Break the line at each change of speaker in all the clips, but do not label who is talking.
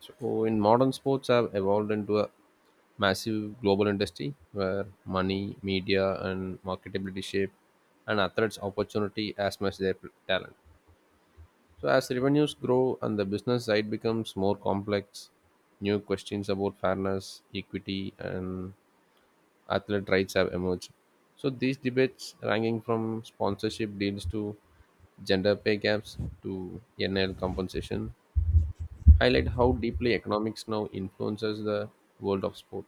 So, in modern sports, have evolved into a massive global industry where money, media, and marketability shape an athlete's opportunity as much their talent. So, as revenues grow and the business side becomes more complex, new questions about fairness, equity, and athlete rights have emerged. So, these debates, ranging from sponsorship deals to gender pay gaps to NIL compensation, highlight how deeply economics now influences the world of sport.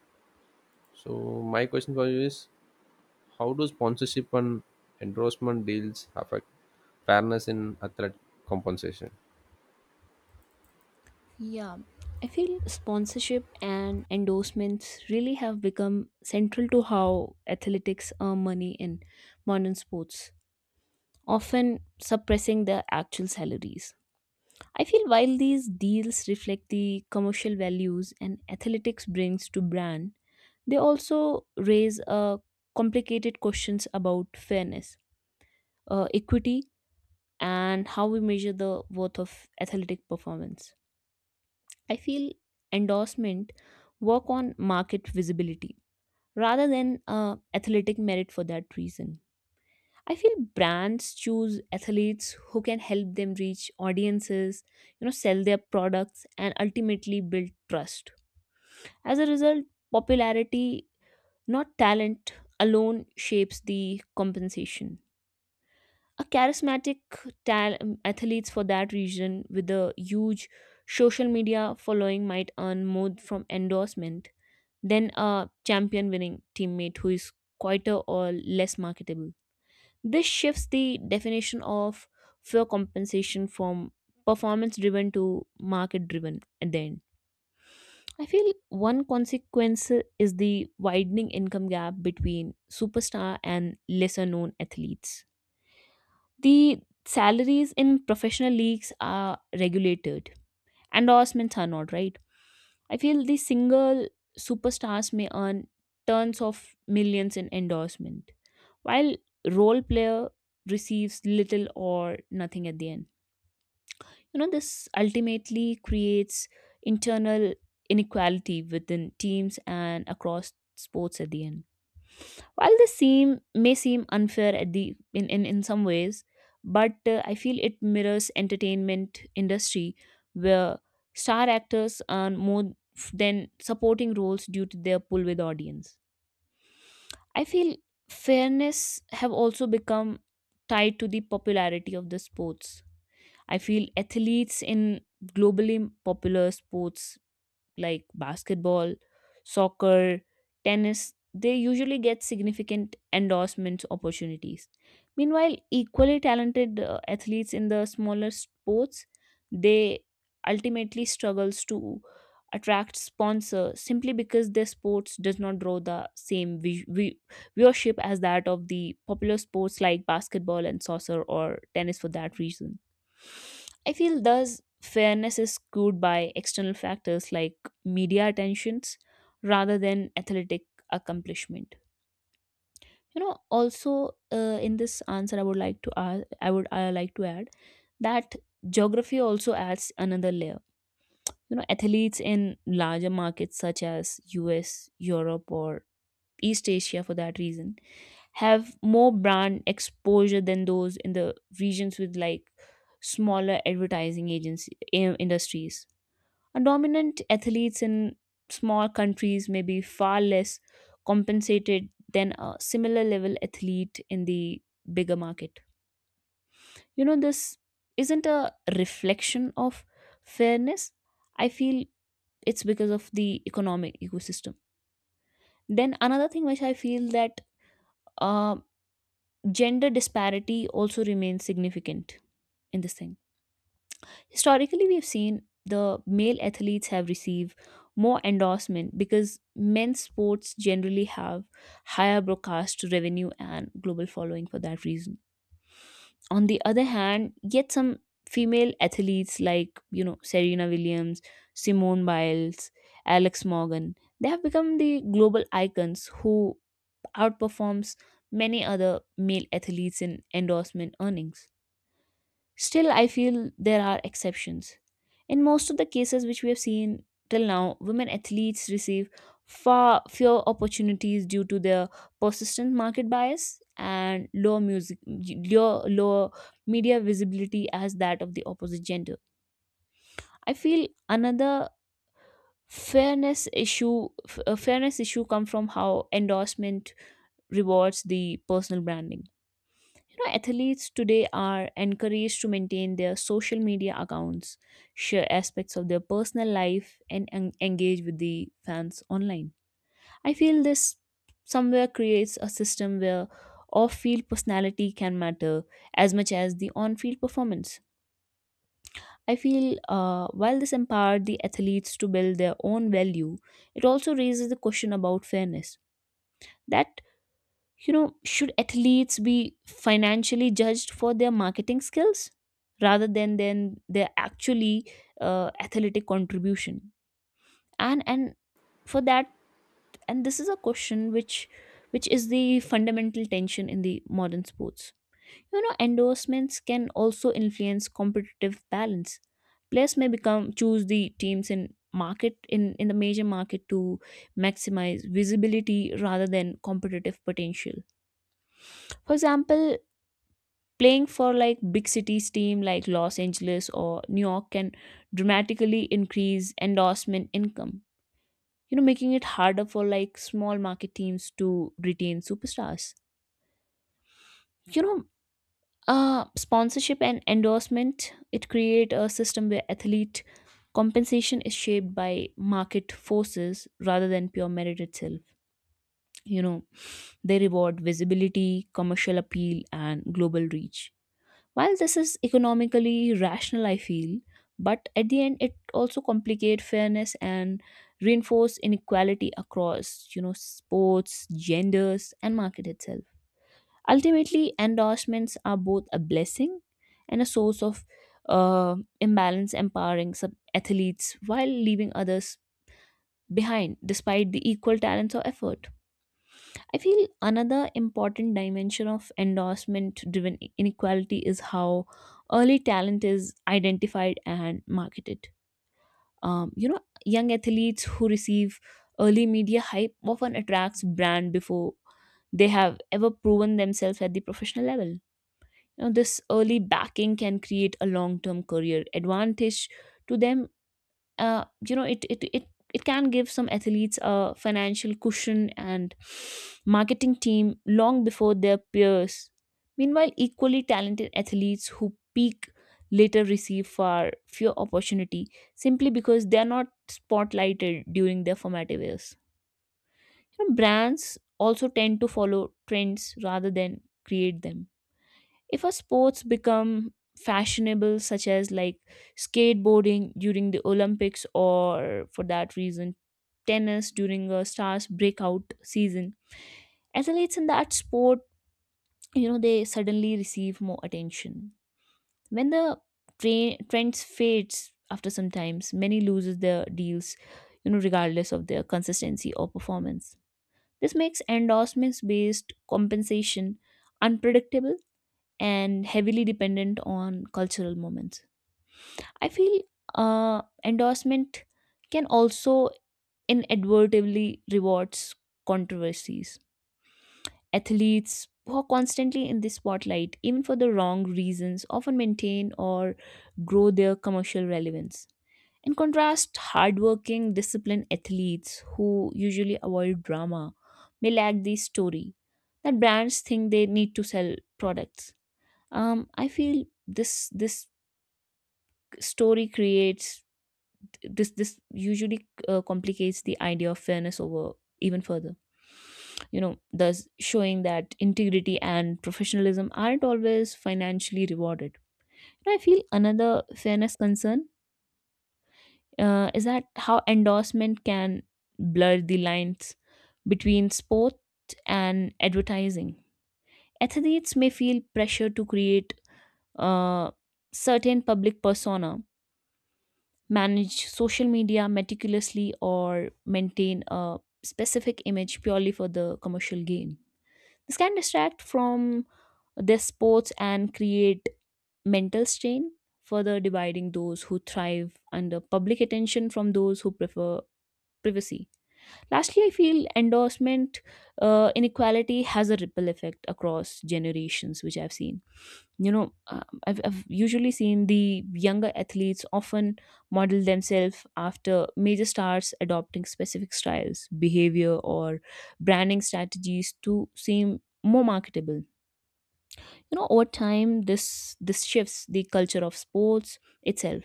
So my question for you is how do sponsorship and endorsement deals affect fairness in athlete compensation?
Yeah, I feel sponsorship and endorsements really have become central to how athletics earn money in modern sports, often suppressing their actual salaries. I feel while these deals reflect the commercial values and athletics brings to brand, they also raise complicated questions about fairness, equity, and how we measure the worth of athletic performance. I feel endorsement work on market visibility rather than athletic merit for that reason. I feel brands choose athletes who can help them reach audiences, you know, sell their products and ultimately build trust. As a result, popularity, not talent alone shapes the compensation. A charismatic athletes for that reason, with a huge social media following might earn more from endorsement than a champion winning teammate who is quieter or less marketable. This shifts the definition of fair compensation from performance driven to market driven at the end. I feel one consequence is the widening income gap between superstar and lesser known athletes. The salaries in professional leagues are regulated, endorsements are not, right? I feel the single superstars may earn tons of millions in endorsement while role player receives little or nothing at the end. You know, this ultimately creates internal inequality within teams and across sports at the end. While this seem may seem unfair at the in some ways, but I feel it mirrors entertainment industry where star actors earn more than supporting roles due to their pull with audience. I feel fairness have also become tied to the popularity of the sports. I feel athletes in globally popular sports like basketball, soccer, tennis, they usually get significant endorsement opportunities. Meanwhile, equally talented athletes in the smaller sports, they ultimately struggles to attract sponsor simply because their sports does not draw the same viewership as that of the popular sports like basketball and soccer or tennis for that reason. I feel thus fairness is skewed by external factors like media attentions rather than athletic accomplishment. You know, also, in this answer, I would like to add I would I like to add that geography also adds another layer. You know, athletes in larger markets such as US europe or east asia for that reason have more brand exposure than those in the regions with like smaller advertising agency, industries. Dominant athletes in small countries may be far less compensated than a similar level athlete in the bigger market. You know, this isn't a reflection of fairness. I feel it's because of the economic ecosystem. Then another thing which I feel that uh, gender disparity also remains significant in this thing. Historically, we've seen the male athletes have received more endorsement because men's sports generally have higher broadcast revenue and global following for that reason. On the other hand, yet some female athletes like, you know, Serena Williams, Simone Biles, Alex Morgan, they have become the global icons who outperforms many other male athletes in endorsement earnings. Still, I feel there are exceptions. In most of the cases which we have seen till now, women athletes receive far fewer opportunities due to their persistent market bias and low music low lower media visibility as that of the opposite gender. I feel another a fairness issue come from how endorsement rewards the personal branding. You know, athletes today are encouraged to maintain their social media accounts, share aspects of their personal life, and engage with the fans online. I feel this somewhere creates a system where off field personality can matter as much as the on field performance. I feel while this empowered the athletes to build their own value, it also raises the question about fairness. That, you know, should athletes be financially judged for their marketing skills rather than their actually athletic contribution? And for that, and this is a question which is the fundamental tension in the modern sports. You know, endorsements can also influence competitive balance. Players may become choose the teams in the major market to maximize visibility rather than competitive potential. For example, playing for like big cities team like Los Angeles or New York can dramatically increase endorsement income. You know, making it harder for like small market teams to retain superstars. You know, sponsorship and endorsement it create a system where athlete compensation is shaped by market forces rather than pure merit itself. You know, they reward visibility, commercial appeal, and global reach. While this is economically rational, I feel, but at the end it also complicate fairness and reinforce inequality across, you know, sports, genders, and market itself. Ultimately, endorsements are both a blessing and a source of imbalance, empowering sub athletes while leaving others behind, despite the equal talents or effort. I feel another important dimension of endorsement driven inequality is how early talent is identified and marketed. You know, young athletes who receive early media hype often attracts brand before they have ever proven themselves at the professional level. You know, this early backing can create a long term career advantage to them. You know, it can give some athletes a financial cushion and marketing team long before their peers. Meanwhile, equally talented athletes who peak later receive far fewer opportunity simply because they are not spotlighted during their formative years. You know, brands also tend to follow trends rather than create them. If a sports become fashionable such as like skateboarding during the olympics or for that reason tennis during a star's breakout season, athletes in that sport, you know, they suddenly receive more attention. When the trends fades after some times, many loses their deals, you know, regardless of their consistency or performance. This makes endorsements based compensation unpredictable and heavily dependent on cultural moments. I feel endorsement can also inadvertently rewards controversies. Athletes who are constantly in the spotlight, even for the wrong reasons, often maintain or grow their commercial relevance. In contrast, hardworking, disciplined athletes who usually avoid drama may lack the story that brands think they need to sell products. I feel this story creates this usually, complicates the idea of fairness over even further, you know, thus showing that integrity and professionalism aren't always financially rewarded. I feel another fairness concern, is that how endorsement can blur the lines between sport and advertising. Athletes may feel pressure to create a certain public persona, manage social media meticulously, or maintain a specific image purely for the commercial gain. This can distract from their sports and create mental strain, further dividing those who thrive under public attention from those who prefer privacy. Lastly, I feel endorsement, inequality has a ripple effect across generations, which I've seen. You know, I've usually seen the younger athletes often model themselves after major stars, adopting specific styles, behavior, or branding strategies to seem more marketable. You know, over time this shifts the culture of sports itself,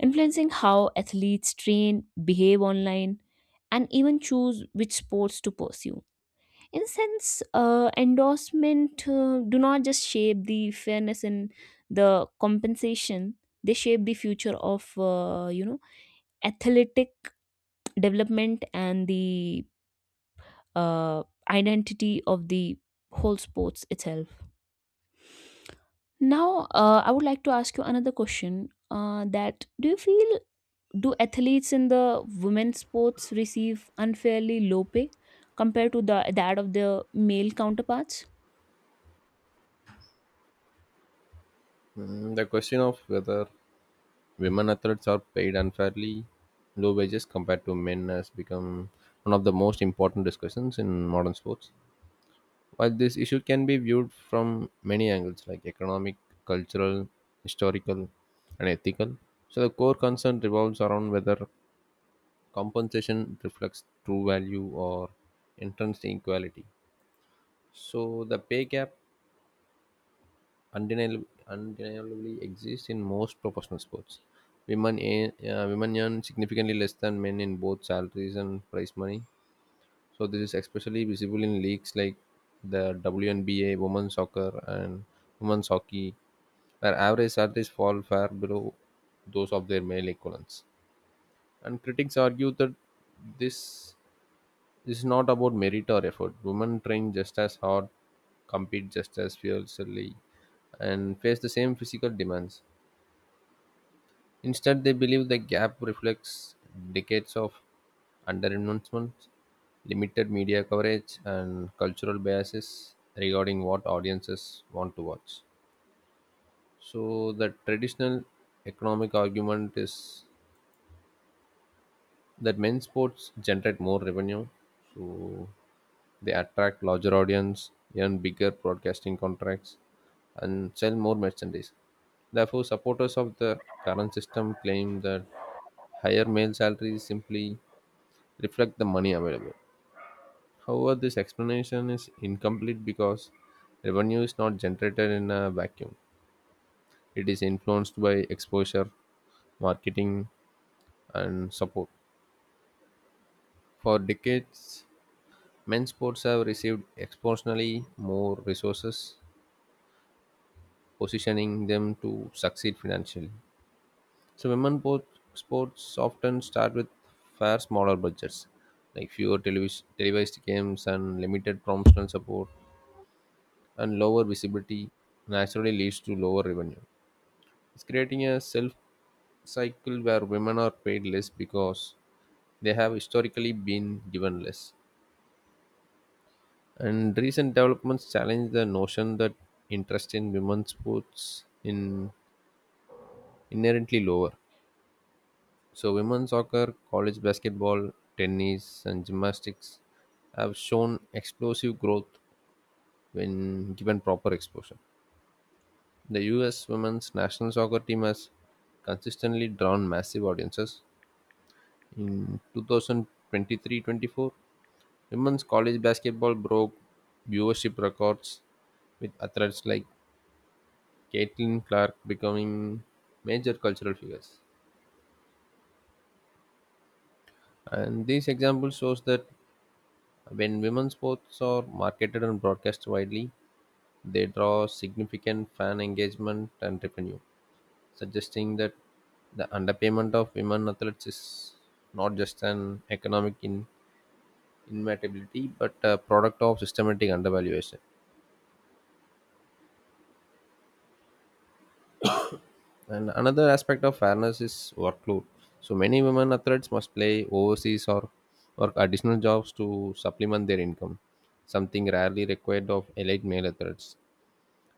influencing how athletes train, behave online, and even choose which sports to pursue. In a sense, endorsement, do not just shape the fairness and the compensation, they shape the future of, you know, athletic development and the, uh, identity of the whole sports itself. Now, I would like to ask you another question, that do you feel, do athletes in the women's sports receive unfairly low pay compared to the that of their male counterparts?
Mm, the question of whether women athletes are paid unfairly low wages compared to men has become one of the most important discussions in modern sports. While this issue can be viewed from many angles, like economic, cultural, historical, and ethical, so the core concern revolves around whether compensation reflects true value or entrenched inequality. So the pay gap undeniably, undeniably exists in most professional sports. Women, women earn significantly less than men in both salaries and prize money. So this is especially visible in leagues like the WNBA, women's soccer, and women's hockey, where average salaries fall far below those of their male equivalents. And critics argue that this is not about merit or effort. Women train just as hard, compete just as fiercely, and face the same physical demands. Instead, they believe the gap reflects decades of underinvestment, limited media coverage, and cultural biases regarding what audiences want to watch. So, the traditional economic argument is that men's sports generate more revenue, so they attract larger audience, earn bigger broadcasting contracts, and sell more merchandise. Therefore, supporters of the current system claim that higher male salaries simply reflect the money available. However, this explanation is incomplete because revenue is not generated in a vacuum. It is influenced by exposure, marketing, and support. For decades, men's sports have received exponentially more resources, positioning them to succeed financially. So women sports often start with far smaller budgets, like fewer televised games and limited promotional support, and lower visibility naturally leads to lower revenue. It's creating a self cycle where women are paid less because they have historically been given less. And recent developments challenge the notion that interest in women's sports in inherently lower. So, women's soccer, college basketball, tennis, and gymnastics have shown explosive growth when given proper exposure. The US women's national soccer team has consistently drawn massive audiences. In 2023-24, women's college basketball broke viewership records with athletes like Caitlin Clark becoming major cultural figures. And these examples shows that when women's sports are marketed and broadcast widely, they draw significant fan engagement and revenue, suggesting that the underpayment of women athletes is not just an economic inevitability but a product of systematic undervaluation. And another aspect of fairness is workload. So many women athletes must play overseas or work additional jobs to supplement their income, something rarely required of elite male athletes.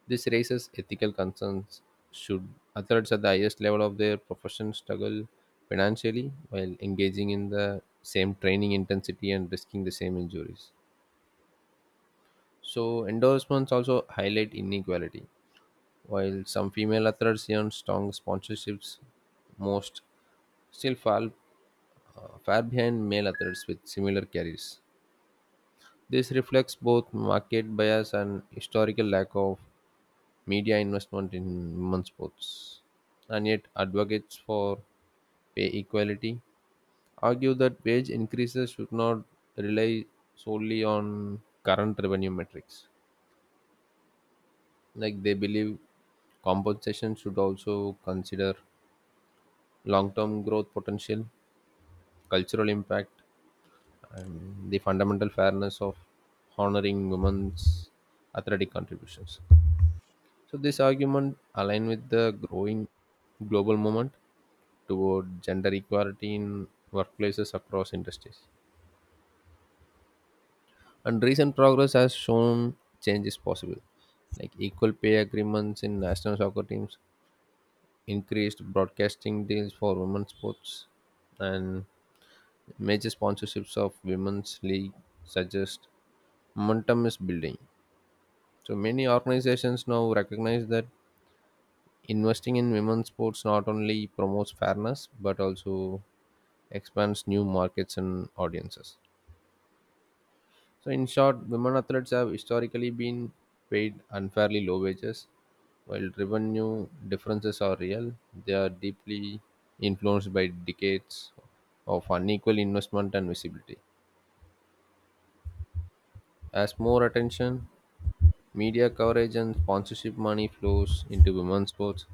This raises ethical concerns. Should athletes at the highest level of their profession struggle financially while engaging in the same training intensity and risking the same injuries? So, endorsements also highlight inequality. While some female athletes earn strong sponsorships, most still fall far behind male athletes with similar careers. This reflects both market bias and historical lack of media investment in women's sports, and yet advocates for pay equality argue that wage increases should not rely solely on current revenue metrics. Like they believe compensation should also consider long term growth potential, cultural impact, and the fundamental fairness of honoring women's athletic contributions. So this argument align with the growing global movement toward gender equality in workplaces across industries. And recent progress has shown change is possible, like equal pay agreements in national soccer teams, increased broadcasting deals for women's sports, and major sponsorships of women's league suggest momentum is building. So many organizations now recognize that investing in women's sports not only promotes fairness but also expands new markets and audiences. So, in short, women athletes have historically been paid unfairly low wages. While revenue differences are real, they are deeply influenced by decades of unequal investment and visibility. As more attention, media coverage, and sponsorship money flows into women's sports,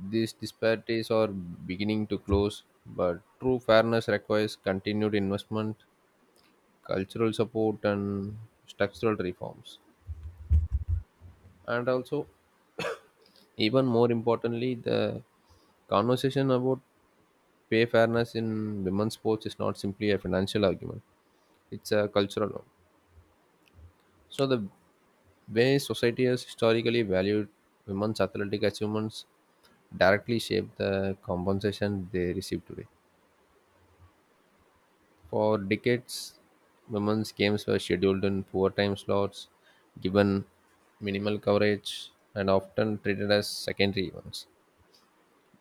these disparities are beginning to close, but true fairness requires continued investment, cultural support, and structural reforms. And also, even more importantly, the conversation about pay fairness in women's sports is not simply a financial argument, it's a cultural one. So, the way society has historically valued women's athletic achievements directly shape the compensation they receive today. For decades, women's games were scheduled in poor time slots, given minimal coverage, and often treated as secondary events.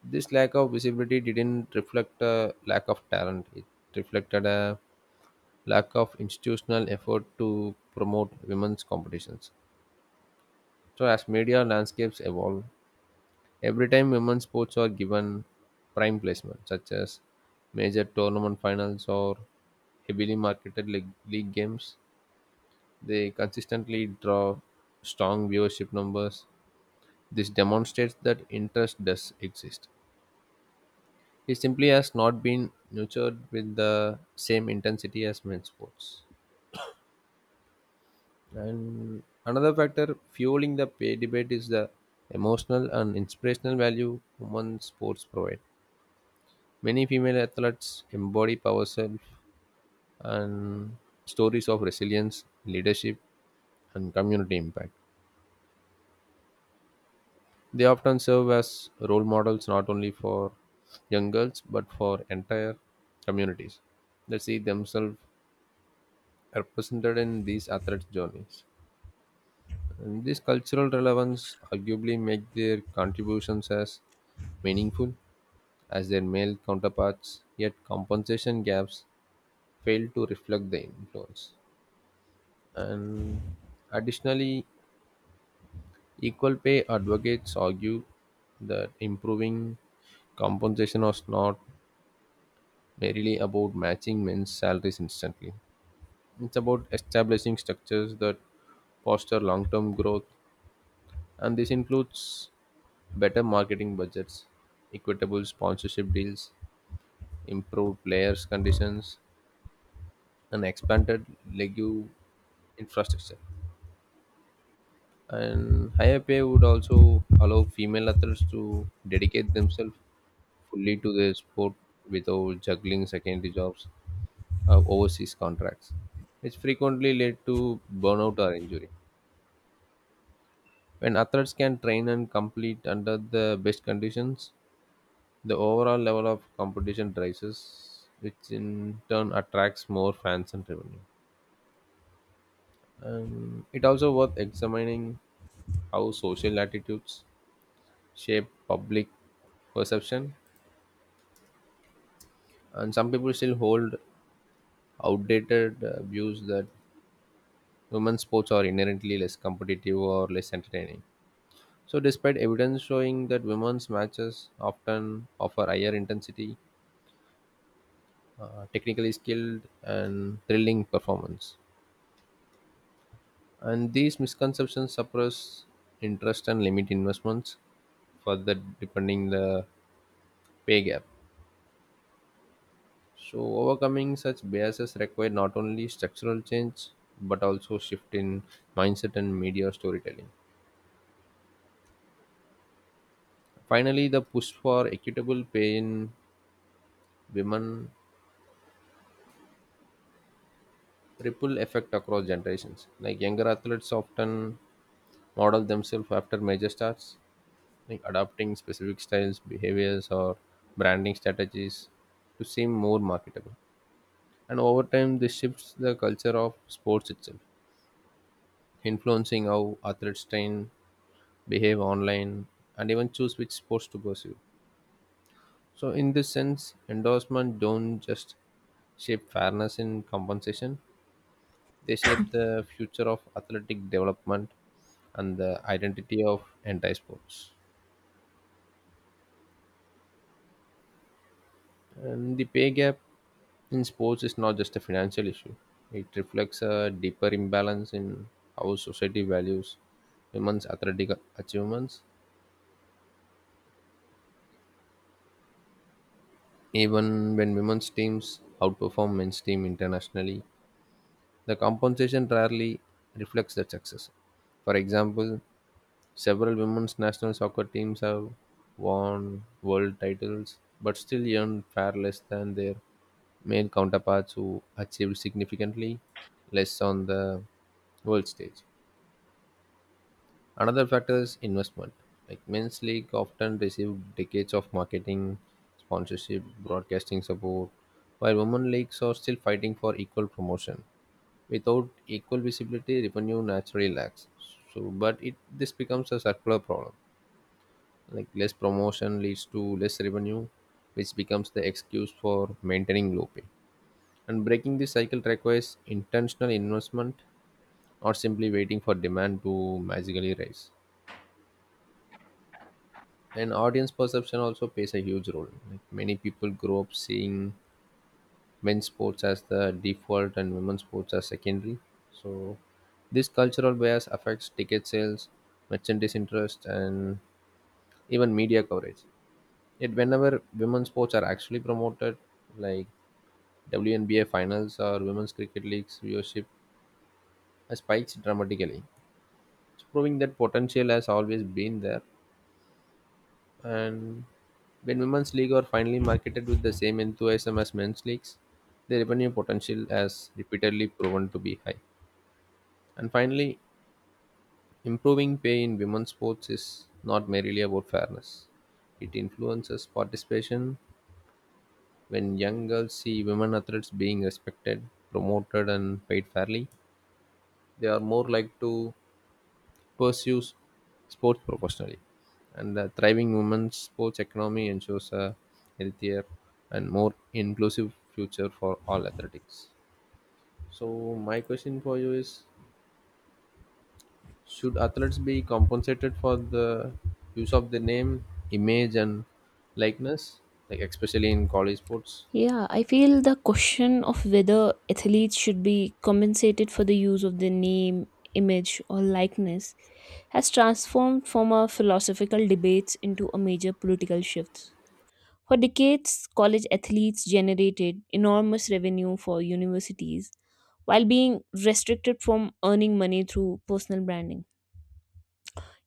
This lack of visibility didn't reflect a lack of talent, it reflected a lack of institutional effort to promote women's competitions. So, as media landscapes evolve, every time women's sports are given prime placement, such as major tournament finals or heavily marketed league games, they consistently draw strong viewership numbers. This demonstrates that interest does exist. It simply has not been nurtured with the same intensity as men's sports. And another factor fueling the pay debate is the emotional and inspirational value women's sports provide. Many female athletes embody power self and stories of resilience, leadership, and community impact. They often serve as role models not only for young girls but for entire communities that see themselves represented in these athletes' journeys. And this cultural relevance arguably make their contributions as meaningful as their male counterparts, yet compensation gaps fail to reflect the influence. And additionally, equal pay advocates argue that improving compensation was not really about matching men's salaries instantly. It's about establishing structures that foster long term growth, and this includes better marketing budgets, equitable sponsorship deals, improved players' conditions, and expanded league infrastructure. And higher pay would also allow female athletes to dedicate themselves fully to their sport without juggling secondary jobs of overseas contracts, which frequently led to burnout or injury. When athletes can train and complete under the best conditions, the overall level of competition rises, which in turn attracts more fans and revenue. And it also worth examining how social attitudes shape public perception, and some people still hold outdated views that women's sports are inherently less competitive or less entertaining. So, despite evidence showing that women's matches often offer higher intensity, technically skilled, and thrilling performance, and these misconceptions suppress interest and limit investments further, deepening the pay gap. So, overcoming such biases require not only structural change but also shift in mindset and media storytelling. Finally, the push for equitable pay in women ripple effect across generations. Like younger athletes often model themselves after major stars, like adopting specific styles, behaviors, or branding strategies to seem more marketable. And over time, this shifts the culture of sports itself, influencing how athletes train, behave online, and even choose which sports to pursue. So, in this sense, endorsement don't just shape fairness in compensation; they shape the future of athletic development and the identity of anti sports. And the pay gap in sports is not just a financial issue, it reflects a deeper imbalance in how society values women's athletic achievements. Even when women's teams outperform men's team internationally, the compensation rarely reflects that success. For example, several women's national soccer teams have won world titles but still earn far less than their male counterparts who achieved significantly less on the world stage. Another factor is investment. Like men's league often receive decades of marketing, sponsorship, broadcasting support, while women leagues are still fighting for equal promotion. Without equal visibility, revenue naturally lacks. So, but it this becomes a circular problem, like less promotion leads to less revenue, which becomes the excuse for maintaining low pay. And breaking this cycle requires intentional investment, not simply waiting for demand to magically rise. And audience perception also plays a huge role, like many people grow up seeing men's sports as the default and women's sports as secondary. So this cultural bias affects ticket sales, merchandise interest, and even media coverage. Yet whenever women's sports are actually promoted, like WNBA finals or women's cricket leagues, viewership has spiked dramatically. It's proving that potential has always been there. And when women's league are finally marketed with the same enthusiasm as men's leagues, the revenue potential has repeatedly proven to be high. And finally, improving pay in women's sports is not merely about fairness. It influences participation. When young girls see women athletes being respected, promoted, and paid fairly, they are more likely to pursue sports professionally. And the thriving women's sports economy ensures a healthier and more inclusive future for all athletics. So, my question for you is should athletes be compensated for the use of the name, image, and likeness, like especially in college sports?
Yeah, I feel the question of whether athletes should be compensated for the use of their name, image, or likeness has transformed from a philosophical debate into a major political shift. For decades, college athletes generated enormous revenue for universities while being restricted from earning money through personal branding.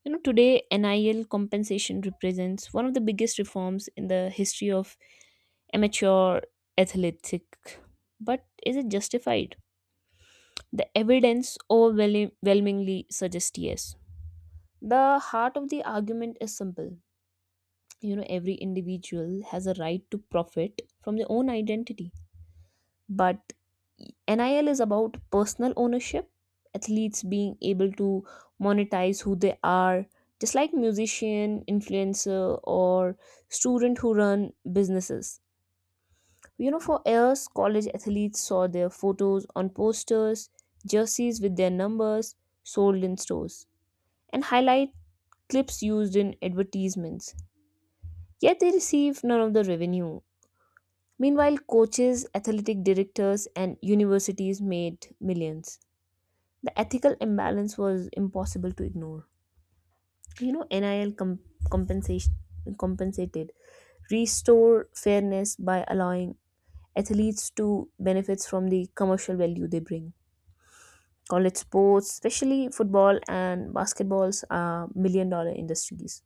You know, today NIL compensation represents one of the biggest reforms in the history of amateur athletic. But is it justified? The evidence overwhelmingly suggests yes. The heart of the argument is simple. You know, every individual has a right to profit from their own identity. But NIL is about personal ownership, athletes being able to monetize who they are, just like musician, influencer, or student who run businesses. You know, for years, college athletes saw their photos on posters, jerseys with their numbers sold in stores, and highlight clips used in advertisements. Yet they receive none of the revenue. Meanwhile, coaches, athletic directors, and universities made millions. The ethical imbalance was impossible to ignore. You know, NIL com- compensation compensated restore fairness by allowing athletes to benefits from the commercial value they bring. College sports, especially football and basketballs, are million dollar industries.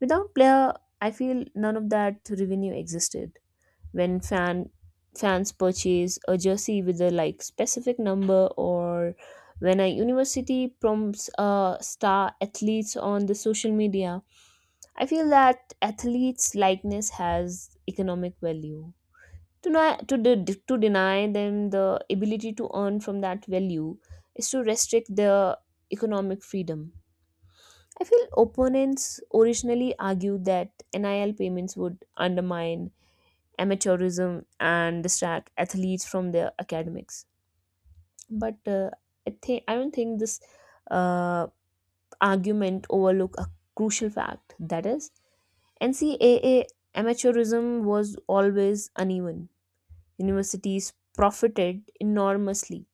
Without player, I feel none of that revenue existed. When fans purchase a jersey with a like specific number or when a university prompts star athletes on the social media, I feel that athletes likeness has economic value. To, not, to, de- To deny them the ability to earn from that value is to restrict their economic freedom. I feel opponents originally argued that NIL payments would undermine amateurism and distract athletes from their academics. But I don't think this, uh, argument overlook a crucial fact, that is NCAA amateurism was always uneven. Universities profited enormously,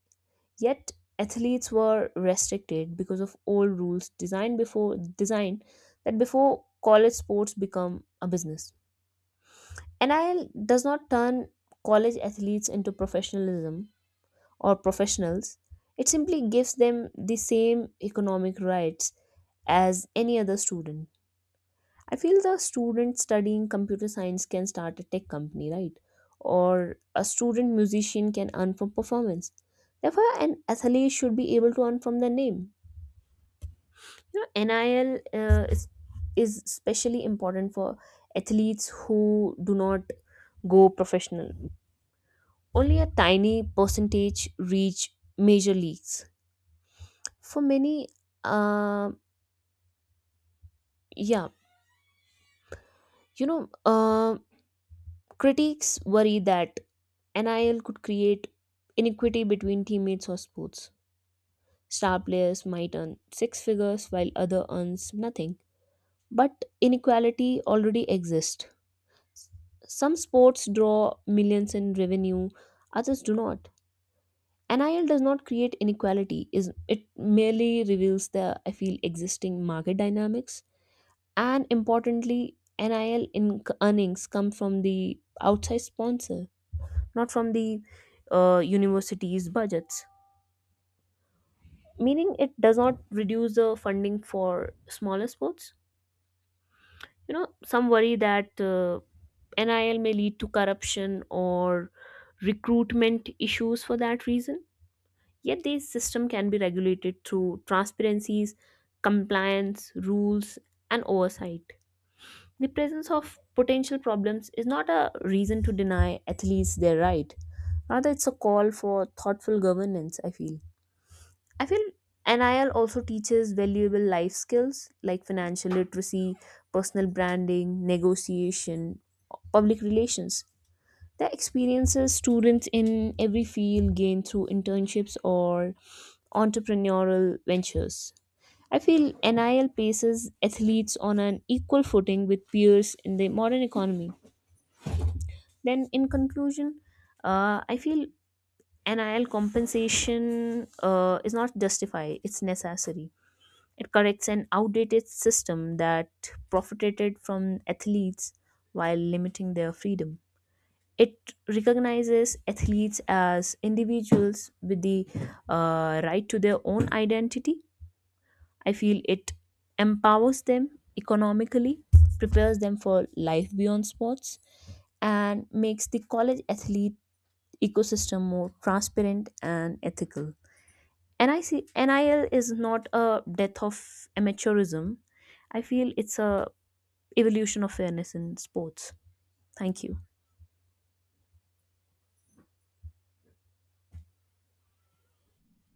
yet athletes were restricted because of old rules designed that before college sports become a business. NIL does not turn college athletes into professionalism or professionals, it simply gives them the same economic rights as any other student. I feel the student studying computer science can start a tech company, right? Or a student musician can earn from performance. Therefore, an athlete should be able to earn from their name. You know, NIL, is especially important for athletes who do not go professional. Only a tiny percentage reach major leagues. For many, uh, yeah, you know, critics worry that NIL could create inequity between teammates or sports. Star players might earn six figures while other earns nothing. But inequality already exists. Some sports draw millions in revenue, others do not. NIL does not create inequality, is it merely reveals the I feel existing market dynamics. And importantly, NIL earnings come from the outside sponsor, not from the university's budgets. Meaning, it does not reduce the funding for smaller sports. You know, some worry that NIL may lead to corruption or recruitment issues for that reason. Yet, this system can be regulated through transparencies, compliance, rules, and oversight. The presence of potential problems is not a reason to deny athletes their right. Rather, it's a call for thoughtful governance, I feel. I feel NIL also teaches valuable life skills like financial literacy, personal branding, negotiation, public relations. The experiences students in every field gain through internships or entrepreneurial ventures. I feel NIL places athletes on an equal footing with peers in the modern economy. Then, in conclusion, I feel NIL compensation, is not justified, it's necessary. It corrects an outdated system that profited from athletes while limiting their freedom. It recognizes athletes as individuals with the, right to their own identity. I feel it empowers them economically, prepares them for life beyond sports, and makes the college athlete ecosystem more transparent and ethical. NIL is not a death of amateurism. I feel it's a evolution of fairness in sports. Thank you.